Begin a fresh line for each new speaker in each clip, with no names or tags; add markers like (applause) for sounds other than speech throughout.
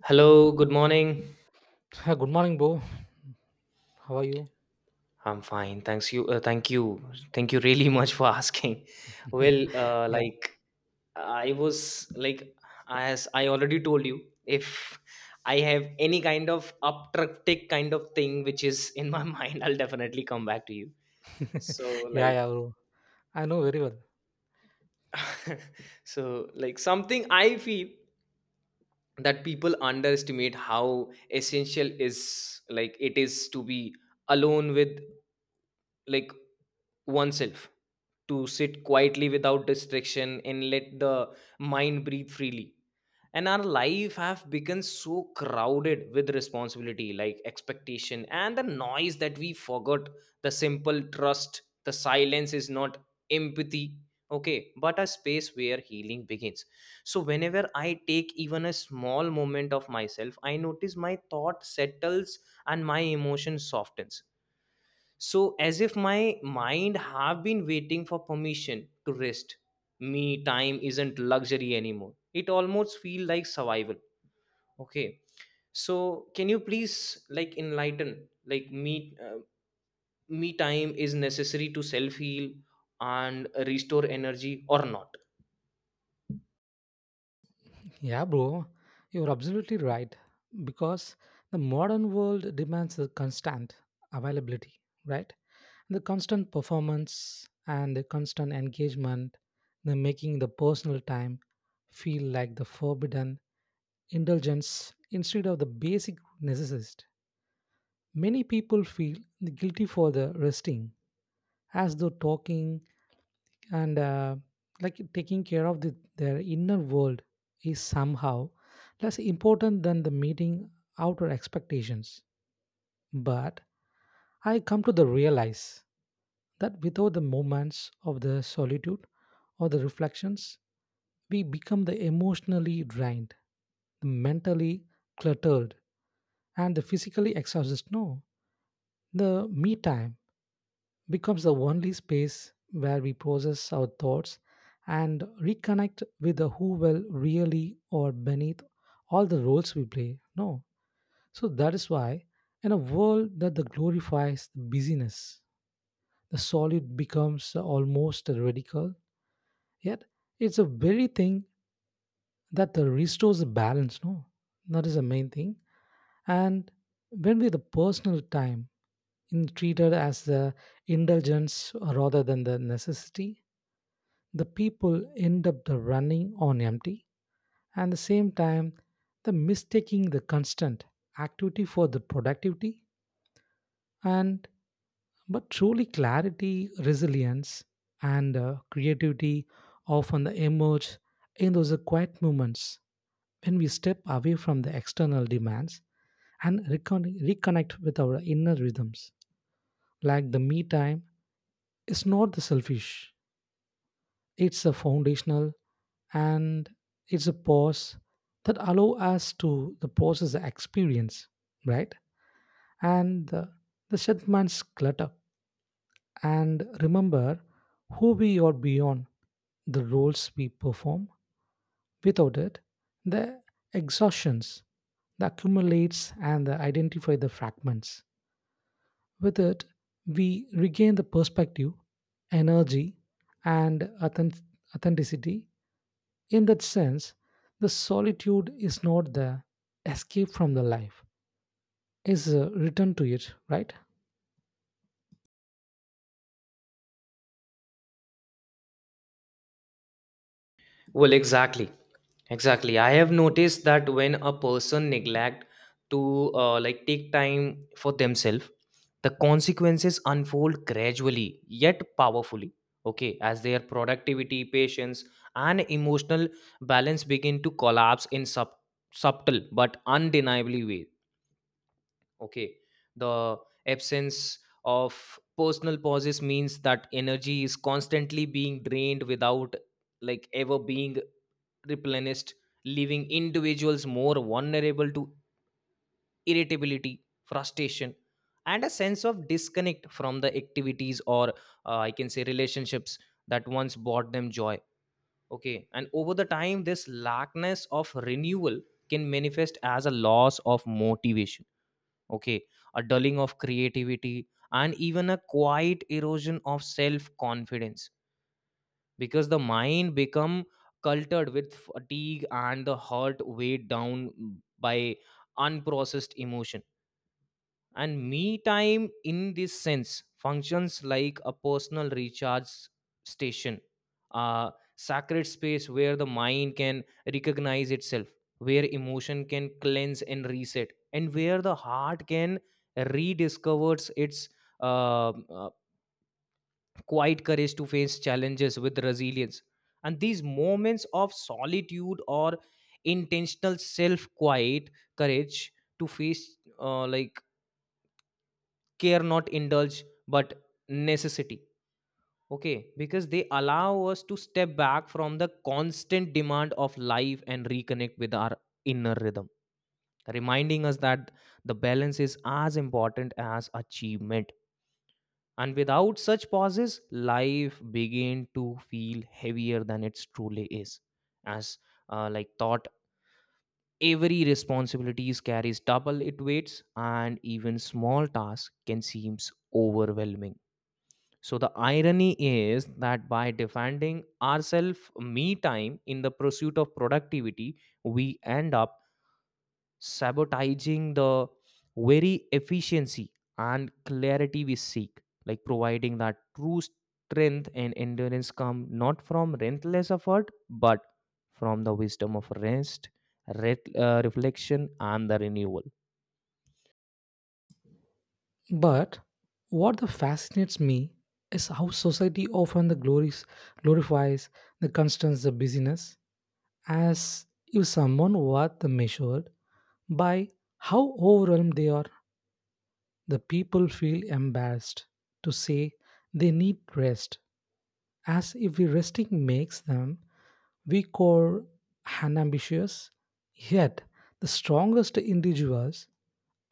Hello, good morning.
Yeah, good morning, bro. How are you?
I'm fine. Thanks you. Thank you. Thank you really (laughs) much for asking. (laughs) Well,
Yeah,
like I was like As I already told you, if I have any kind of uptractic kind of thing which is in my (laughs) mind, I'll definitely come back to you. So
(laughs) yeah,
like
yeah, bro. I know very well.
(laughs) Something I feel that people underestimate how essential is like it is to be alone with like oneself, to sit quietly without distraction and let the mind breathe freely. And our life have become so crowded with responsibility, like expectation and the noise, that we forgot the simple trust the silence is not empathy, okay, but a space where healing begins. So whenever I take even a small moment of myself, I notice my thought settles and my emotion softens, so as if my mind have been waiting for permission to rest. Me time isn't luxury anymore, it almost feel like survival. Okay, so can you please enlighten me, me time is necessary to self heal and restore energy or not?
Yeah, bro, you're absolutely right. Because the modern world demands the constant availability, right? The constant performance and the constant engagement, the making the personal time feel like the forbidden indulgence instead of the basic necessity. Many people feel guilty for the resting, as though talking and like taking care of their inner world is somehow less important than the meeting outer expectations, but I come to the realize that without the moments of the solitude or the reflections we become the emotionally drained, mentally cluttered, and the physically exhausted, no? The me time becomes the only space where we process our thoughts and reconnect with the who will really or beneath all the roles we play. No. So that is why, in a world that the glorifies the busyness, the solid becomes almost radical. Yet it's a very thing that the restores the balance, no? That is the main thing. And when we the personal time in treated as the indulgence rather than the necessity, the people end up the running on empty and the same time the mistaking the constant activity for the productivity, and but truly clarity, resilience, and creativity often emerge in those quiet moments when we step away from the external demands and reconnect with our inner rhythms, like the me time is not the selfish, it's a foundational, and it's a pause that allow us to the process the experience, right? And the shed man's clutter and remember who we are beyond the roles we perform. Without it, the exhaustions the accumulates and the identify the fragments. With it, we regain the perspective, energy, and authenticity. In that sense, the solitude is not the escape from the life, is a return to it, right?
Well, exactly. Exactly. I have noticed that when a person neglect to take time for themselves, the consequences unfold gradually yet powerfully. Okay, as their productivity, patience, and emotional balance begin to collapse in subtle but undeniably way. Okay, the absence of personal pauses means that energy is constantly being drained without ever being replenished, leaving individuals more vulnerable to irritability, frustration, and a sense of disconnect from the activities or, I can say, relationships that once brought them joy. Okay, and over the time, this lackness of renewal can manifest as a loss of motivation. Okay, a dulling of creativity, and even a quiet erosion of self confidence, because the mind become cultured with fatigue and the heart weighed down by unprocessed emotion. And me time in this sense functions like a personal recharge station, a sacred space where the mind can recognize itself, where emotion can cleanse and reset, and where the heart can rediscover its uh, uh, quiet courage to face challenges with resilience. And these moments of solitude or intentional self quiet courage to face, care, not indulge, but necessity. Okay, because they allow us to step back from the constant demand of life and reconnect with our inner rhythm, reminding us that the balance is as important as achievement. And without such pauses, life began to feel heavier than it truly is. As, thought, every responsibilities carries double it weights, and even small tasks can seem overwhelming. So the irony is that by defending ourselves me time in the pursuit of productivity, we end up sabotaging the very efficiency and clarity we seek, like providing that true strength and endurance come not from relentless effort, but from the wisdom of rest, reflection, and the renewal.
But what the fascinates me is how society often the glories glorifies the constants the busyness as if someone were the measured by how overwhelmed they are. The people feel embarrassed to say they need rest, as if we resting makes them weak or unambitious. Yet, the strongest individuals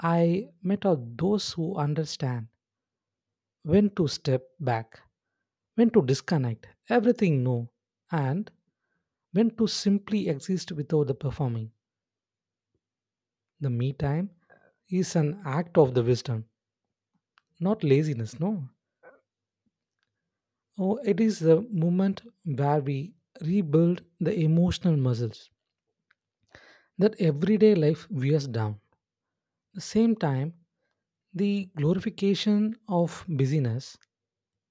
I met are those who understand when to step back, when to disconnect everything, no, and when to simply exist without the performing. The me time is an act of the wisdom, not laziness, no. Oh, it is the moment where we rebuild the emotional muscles that everyday life wears down. The same time, the glorification of busyness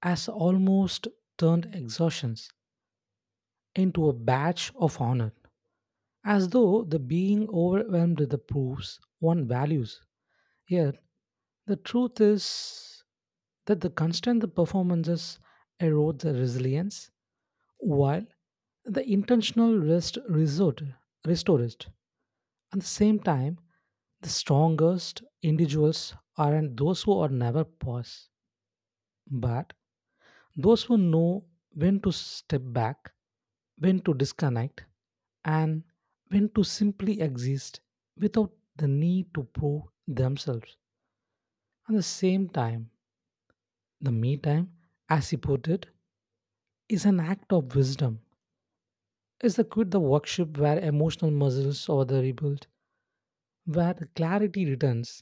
has almost turned exhaustions into a badge of honor, as though the being overwhelmed with the proofs one values. Yet, the truth is that the constant the performances erode the resilience, while the intentional rest resort restored it. At the same time, the strongest individuals aren't those who are never pause, but those who know when to step back, when to disconnect, and when to simply exist without the need to prove themselves. At the same time, the me time, as he put it, is an act of wisdom. It's the quit the workshop where emotional muscles are the rebuilt, where the clarity returns,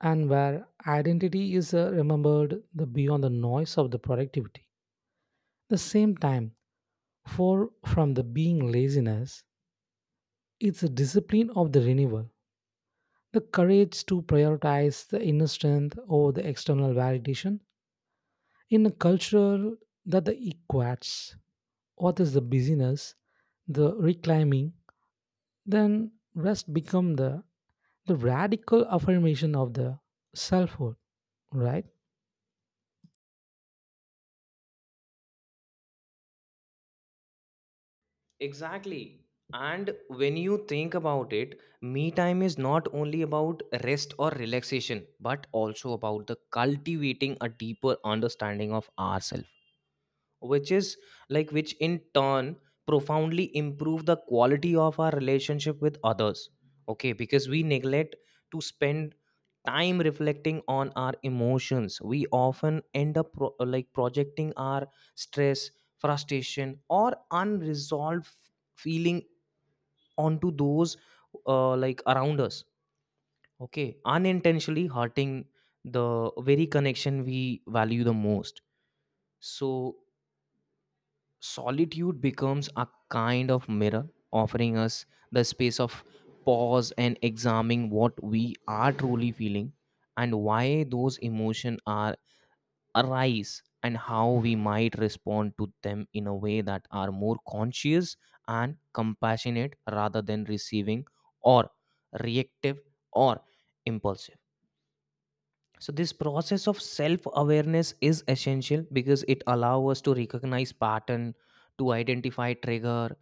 and where identity is remembered the beyond the noise of the productivity. The same time, for from the being laziness, it's a discipline of the renewal, the courage to prioritize the inner strength over the external validation in a culture that the equates what is the busyness, the reclaiming, then rest become the radical affirmation of the selfhood, right?
Exactly. And when you think about it, me time is not only about rest or relaxation, but also about the cultivating a deeper understanding of ourselves, which is which in turn profoundly improve the quality of our relationship with others. Okay, because we neglect to spend time reflecting on our emotions, we often end up projecting our stress, frustration, or unresolved feeling onto those around us. Okay, unintentionally hurting the very connection we value the most. So solitude becomes a kind of mirror, offering us the space of pause and examining what we are truly feeling and why those emotions are arise, and how we might respond to them in a way that are more conscious and compassionate rather than receiving or reactive or impulsive. So this process of self-awareness is essential because it allows us to recognize pattern, to identify trigger,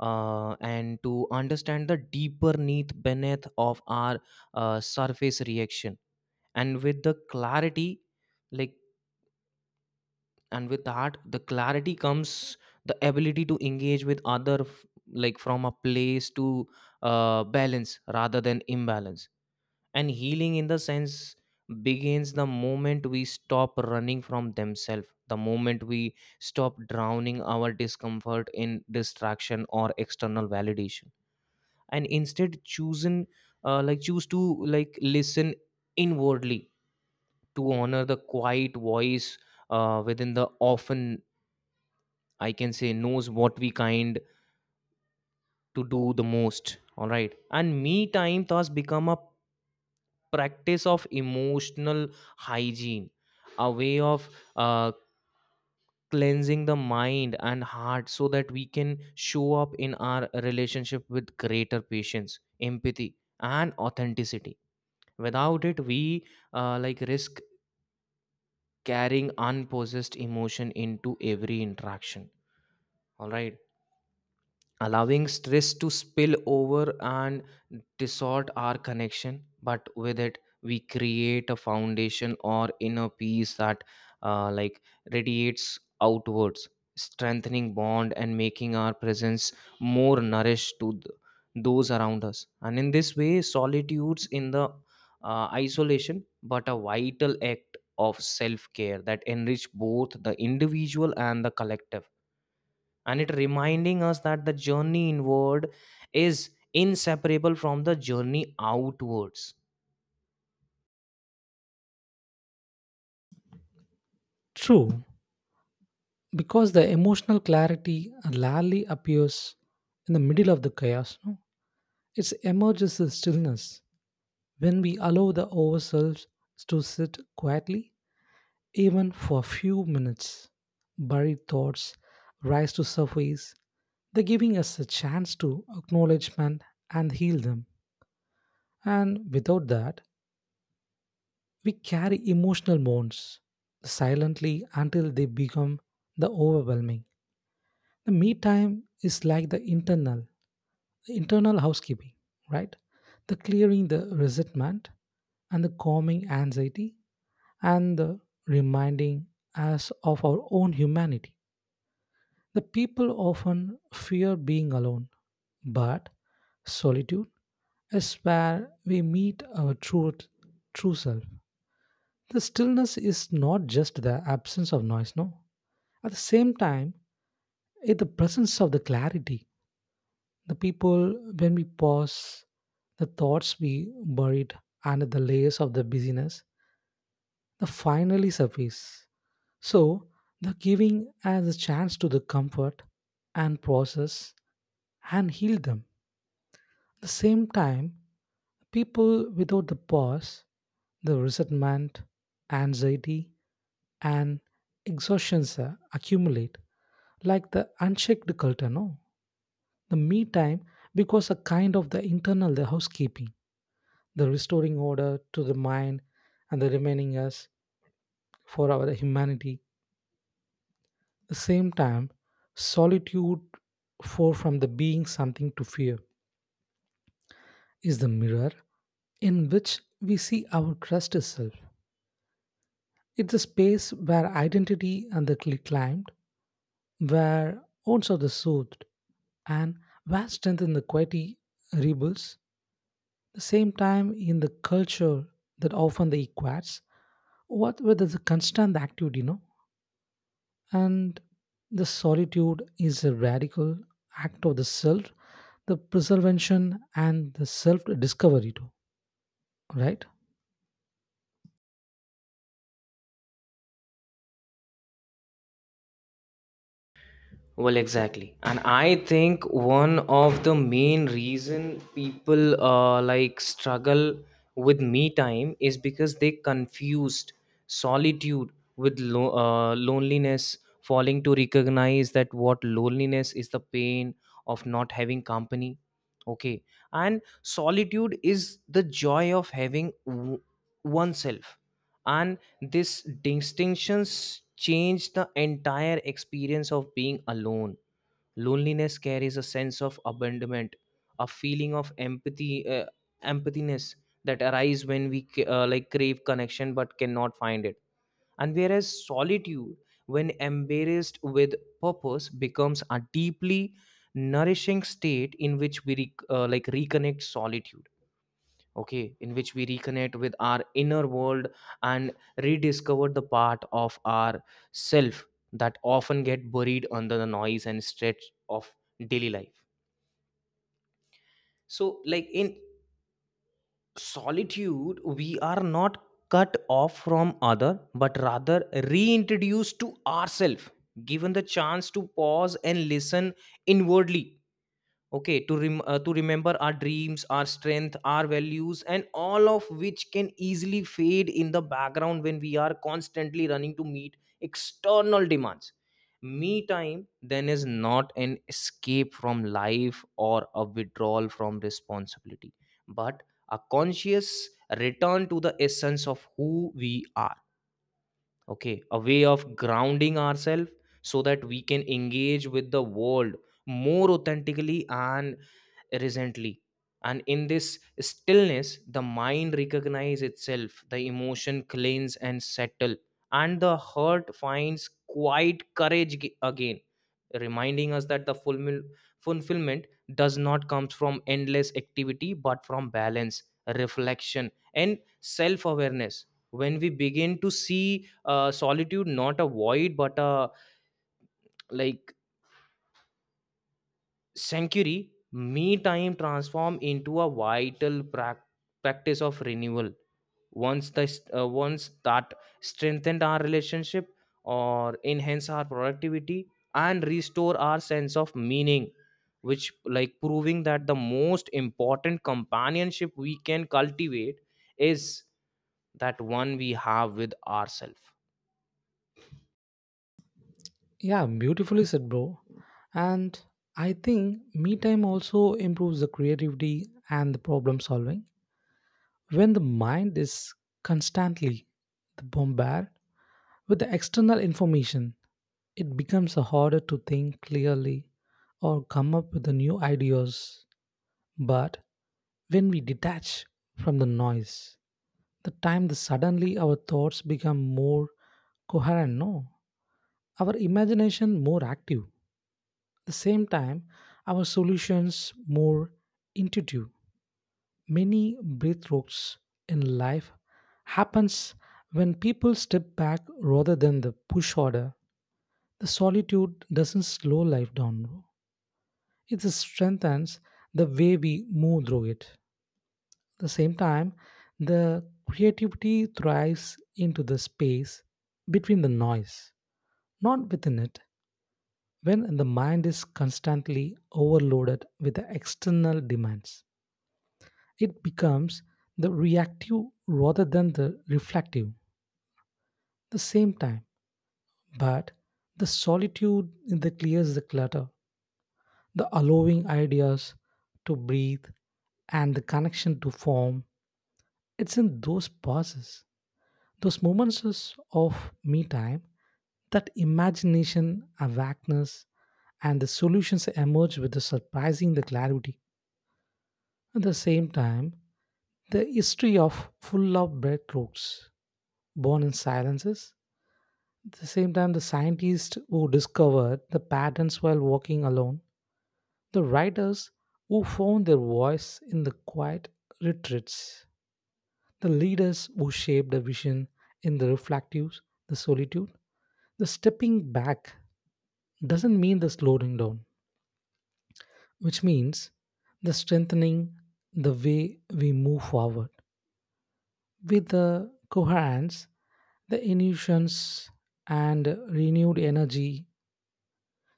and to understand the deeper need beneath of our surface reaction. And with the clarity, like and with that, the clarity comes the ability to engage with other, from a place to balance rather than imbalance. And healing in the sense begins the moment we stop running from themselves, the moment we stop drowning our discomfort in distraction or external validation, and instead choosing, choose to listen inwardly, to honor the quiet voice within the often, I can say, knows what we kind to do the most. All right, and me time thus become a practice of emotional hygiene, a way of uh, cleansing the mind and heart so that we can show up in our relationship with greater patience, empathy, and authenticity. Without it, we risk carrying unpossessed emotion into every interaction. All right, allowing stress to spill over and distort our connection, but with it we create a foundation or inner peace that uh, like radiates outwards, strengthening bond and making our presence more nourished to those around us. And in this way solitudes in the isolation but a vital act of self care that enrich both the individual and the collective, and it reminding us that the journey inward is inseparable from the journey outwards.
True, because the emotional clarity rarely appears in the middle of the chaos. No? It emerges the stillness. When we allow the ourselves to sit quietly, even for a few minutes, buried thoughts rise to surface, they're giving us a chance to acknowledgement and heal them. And without that, we carry emotional wounds silently until they become the overwhelming. The me time is like the internal housekeeping, right? The clearing the resentment and the calming anxiety and the reminding us of our own humanity. The people often fear being alone, but solitude is where we meet our true self. The stillness is not just the absence of noise, no. At the same time, it's the presence of the clarity. The people, when we pause, the thoughts we buried under the layers of the busyness, they finally surface. So, the giving as a chance to the comfort and process and heal them. The same time, people without the pause, the resentment, anxiety, and exhaustions accumulate like the unchecked culture, no? The me time because a kind of the internal the housekeeping, the restoring order to the mind and the remaining us for our humanity. The same time, solitude, for from the being something to fear, is the mirror in which we see our trust itself. It's a space where identity and climbed, where wounds are the soothed, and where strength in the quality rebuilds. The same time, in the culture that often they equates, what with the constant activity, no? And the solitude is a radical act of the self, the preservation and the self discovery too, right?
Well, exactly. And I think one of the main reason people struggle with me time is because they confused solitude with loneliness, falling to recognize that what loneliness is the pain of not having company. Okay. And solitude is the joy of having oneself. And these distinctions change the entire experience of being alone. Loneliness carries a sense of abandonment, a feeling of empathy, empathiness, that arise when we crave connection but cannot find it. And whereas solitude, when embraced with purpose, becomes a deeply nourishing state in which we reconnect solitude, okay, in which we reconnect with our inner world and rediscover the part of our self that often get buried under the noise and stretch of daily life. So in solitude we are not cut off from other, but rather reintroduced to ourselves, given the chance to pause and listen inwardly. Okay, to remember our dreams, our strength, our values, and all of which can easily fade in the background when we are constantly running to meet external demands. Me time then is not an escape from life or a withdrawal from responsibility, but a conscious return to the essence of who we are. Okay, a way of grounding ourselves so that we can engage with the world more authentically and recently. And in this stillness the mind recognizes itself, the emotion cleanse and settle, and the heart finds quiet courage again, reminding us that the fulfillment does not come from endless activity but from balance, reflection, and self awareness. When we begin to see solitude not a void but a like sanctuary, me time transform into a vital practice of renewal. Once the uh, once that strengthened our relationship or enhance our productivity and restore our sense of meaning, which like proving that the most important companionship we can cultivate is that one we have with ourselves.
Yeah, beautifully said, bro. And I think me time also improves the creativity and the problem solving. When the mind is constantly bombarded with the external information, it becomes harder to think clearly or come up with the new ideas. But when we detach from the noise, the time the suddenly our thoughts become more coherent, no? Our imagination more active. At the same time, our solutions more intuitive. Many breakthroughs in life happens when people step back rather than the push order. The solitude doesn't slow life down, no. It strengthens the way we move through it. The same time, the creativity thrives into the space between the noise, not within it. When the mind is constantly overloaded with the external demands, it becomes the reactive rather than the reflective. The same time, but the solitude that clears the clutter, the allowing ideas to breathe, and the connection to form. It's in those pauses, those moments is of me time, that imagination, awakeness, and the solutions emerge with the surprising the clarity. At the same time, the history of full of breadcrumbs born in silences. At the same time, the scientists who discovered the patterns while walking alone, the writers who found their voice in the quiet retreats, the leaders who shaped the vision in the reflective, the solitude, the stepping back doesn't mean the slowing down, which means the strengthening the way we move forward with the coherence, the illusions, and renewed energy.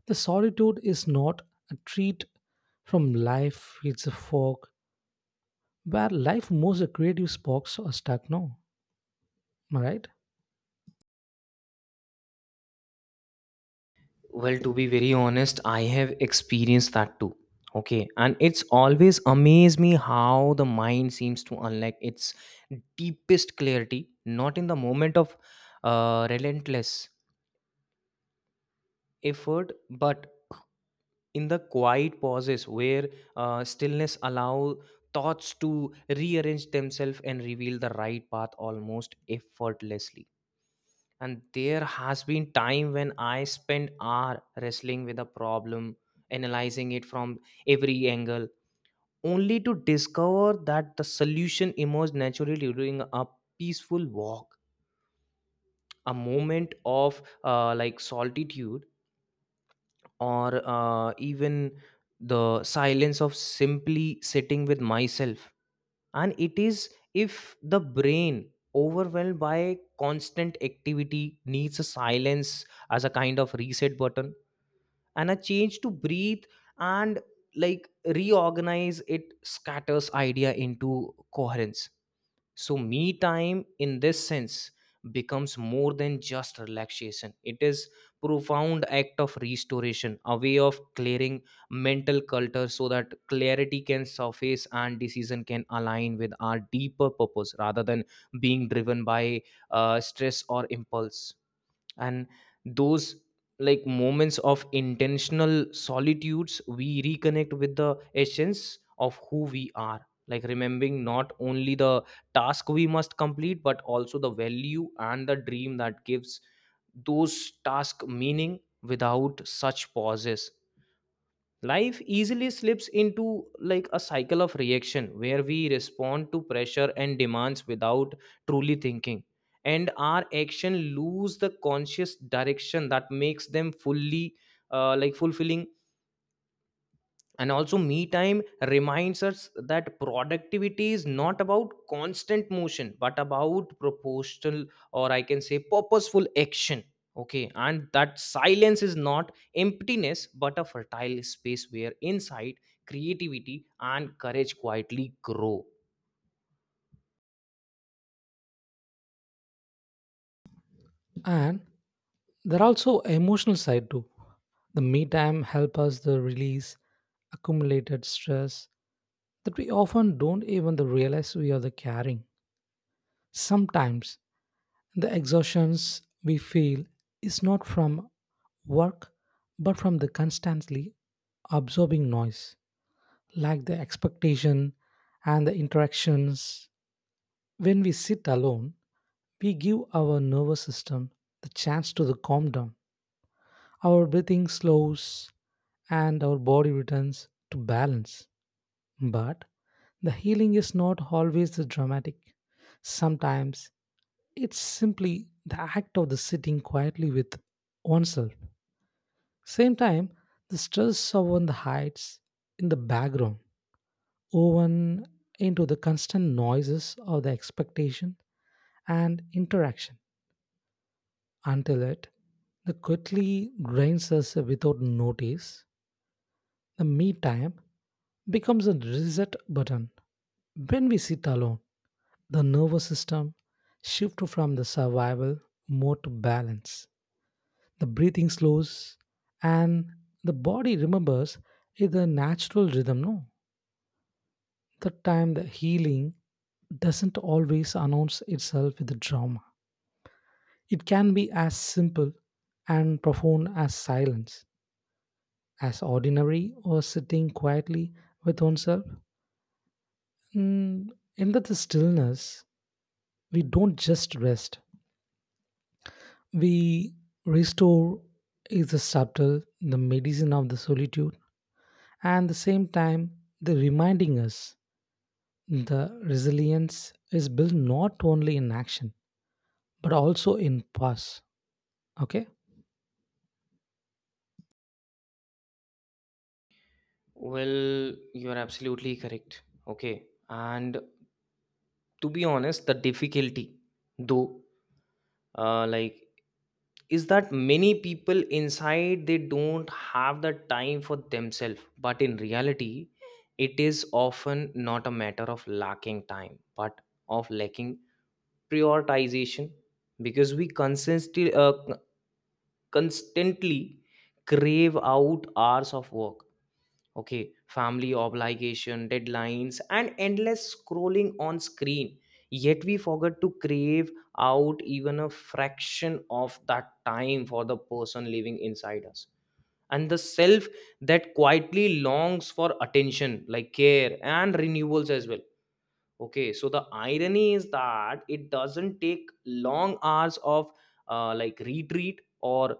The solitude is not a treat from life, it's a fog where life moves the creative sparks are stuck now. Am I right?
Well, to be very honest, I have experienced that too. Okay. And it's always amazed me how the mind seems to unlock its deepest clarity, not in the moment of relentless effort, but in the quiet pauses where stillness allow thoughts to rearrange themselves and reveal the right path almost effortlessly. And there has been time when I spent hour wrestling with a problem, analyzing it from every angle, only to discover that the solution emerged naturally during a peaceful walk, a moment of solitude, or even the silence of simply sitting with myself. And it is if the brain, overwhelmed by constant activity, needs a silence as a kind of reset button and a change to breathe and reorganize it scatters idea into coherence. So, me time in this sense becomes more than just relaxation. It is profound act of restoration, a way of clearing mental clutter so that clarity can surface and decision can align with our deeper purpose rather than being driven by stress or impulse. And those moments of intentional solitudes, we reconnect with the essence of who we are, like remembering not only the task we must complete but also the value and the dream that gives those task meaning. Without such pauses, life easily slips into a cycle of reaction where we respond to pressure and demands without truly thinking, and our action lose the conscious direction that makes them fully fulfilling. And also me time reminds us that productivity is not about constant motion but about proportional, or I can say purposeful action. Okay, and that silence is not emptiness but a fertile space where insight, creativity, and courage quietly grow.
And there are also emotional side too. The me time help us to release accumulated stress that we often don't even the realize we are the carrying. Sometimes the exhaustions we feel is not from work but from the constantly absorbing noise, like the expectation and the interactions. When we sit alone, we give our nervous system the chance to the calm down. Our breathing slows and our body returns to balance. But the healing is not always dramatic. Sometimes it's simply the act of the sitting quietly with oneself. Same time, the stress of one hides in the background, woven into the constant noises of the expectation and interaction, until it the quickly drains us without notice. The me time becomes a reset button. When we sit alone, the nervous system shifts from the survival mode to balance. The breathing slows and the body remembers is a natural rhythm, no? The time the healing doesn't always announce itself with drama. It can be as simple and profound as silence, as ordinary or sitting quietly with oneself. Mm, in that stillness, we don't just rest, we restore is the subtle, the medicine of the solitude, and the same time, the reminding us the resilience is built not only in action but also in pause. Okay,
Well, you're absolutely correct. Okay, and to be honest, the difficulty though, uh, like is that many people inside they don't have the time for themselves, but in reality it is often not a matter of lacking time but of lacking prioritization, because we consistently constantly crave out hours of work, okay, family obligation, deadlines, and endless scrolling on screen, yet we forget to crave out even a fraction of that time for the person living inside us and the self that quietly longs for attention, like care and renewals as well. Okay, so the irony is that it doesn't take long hours of retreat or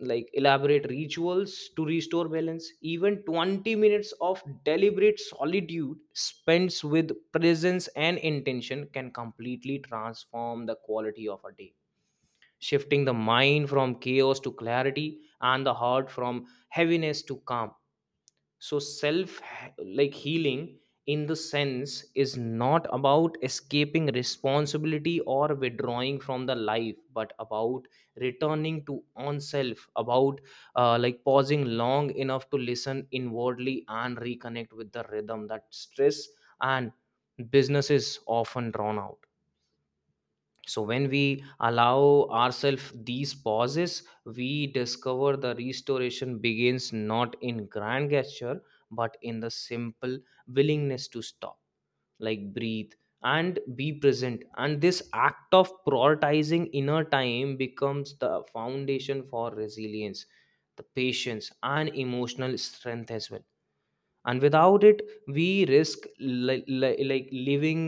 elaborate rituals to restore balance. Even 20 minutes of deliberate solitude spent with presence and intention can completely transform the quality of a day, shifting the mind from chaos to clarity and the heart from heaviness to calm. So self healing in the sense is not about escaping responsibility or withdrawing from the life, but about returning to own self, about pausing long enough to listen inwardly and reconnect with the rhythm that stress and businesses often drown out. So when we allow ourselves these pauses, we discover the restoration begins not in grand gesture but in the simple willingness to stop, breathe, and be present. And this act of prioritizing inner time becomes the foundation for resilience, the patience and emotional strength as well. And without it, we risk living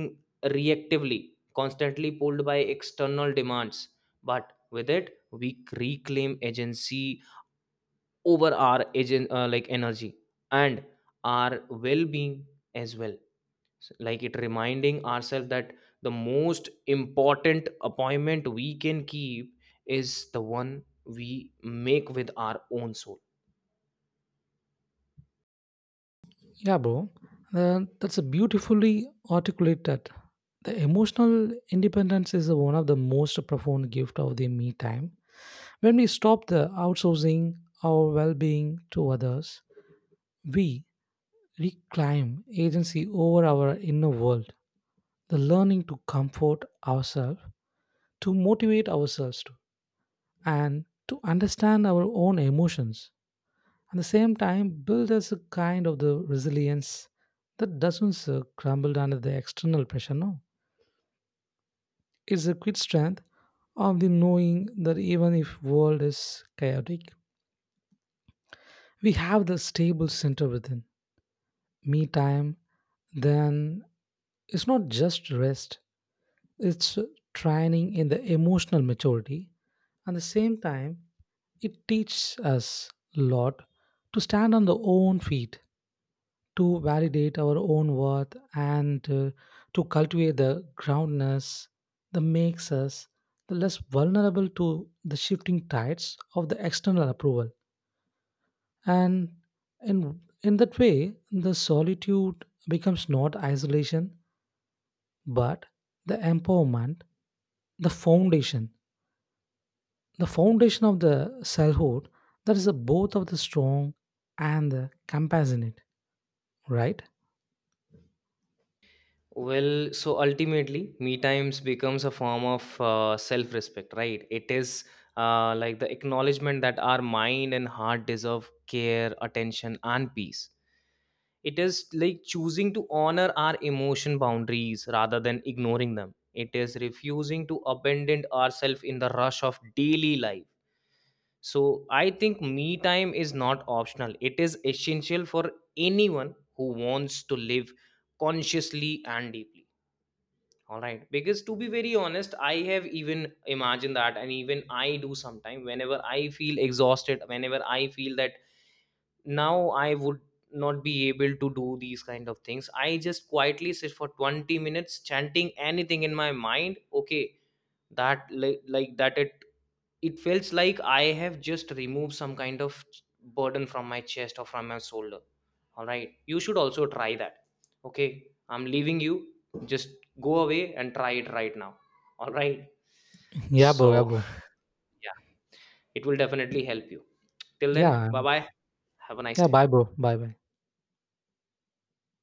reactively, constantly pulled by external demands, but with it we reclaim agency over our agent like energy and our well-being as well. It reminding ourselves that the most important appointment we can keep is the one we make with our own soul.
yeah, bro, that's a beautifully articulated. The emotional independence is one of the most profound gift of the me time. When we stop the outsourcing our well-being to others, we reclaim agency over our inner world, the learning to comfort ourselves, to motivate ourselves to, and to understand our own emotions. At the same time, build us a kind of the resilience that doesn't crumble under the external pressure. No, it's a quick strength of the knowing that even if world is chaotic, we have the stable center within. Me time, then it's not just rest; it's training in the emotional maturity. At the same time it teaches us a lot to stand on the own feet, to validate our own worth, and to cultivate the groundness that makes us the less vulnerable to the shifting tides of the external approval, and in that way the solitude becomes not isolation but the empowerment, the foundation the foundation of the selfhood that is a both of the strong and the compassionate, right?
Well, so ultimately, me times becomes a form of self respect, right? It is the acknowledgement that our mind and heart deserve care, attention, and peace. It is like choosing to honor our emotion boundaries rather than ignoring them. It is refusing to abandon ourselves in the rush of daily life. So I think me time is not optional, it is essential for anyone who wants to live consciously and deeply. All right. Because to be very honest, I have even imagined that, and even I do sometime whenever I feel exhausted, whenever I feel that now I would not be able to do these kind of things, I just quietly sit for 20 minutes chanting anything in my mind. Okay, that like that it feels like I have just removed some kind of burden from my chest or from my shoulder. All right, you should also try that. Okay, I'm leaving you, just go away and try it right now. All right.
Yeah,
So
bro. Yeah, bro.
(laughs) yeah, it will definitely help you. Till then,
Yeah,
bye bye. Have a nice
yeah,
day.
bye bro, bye bye.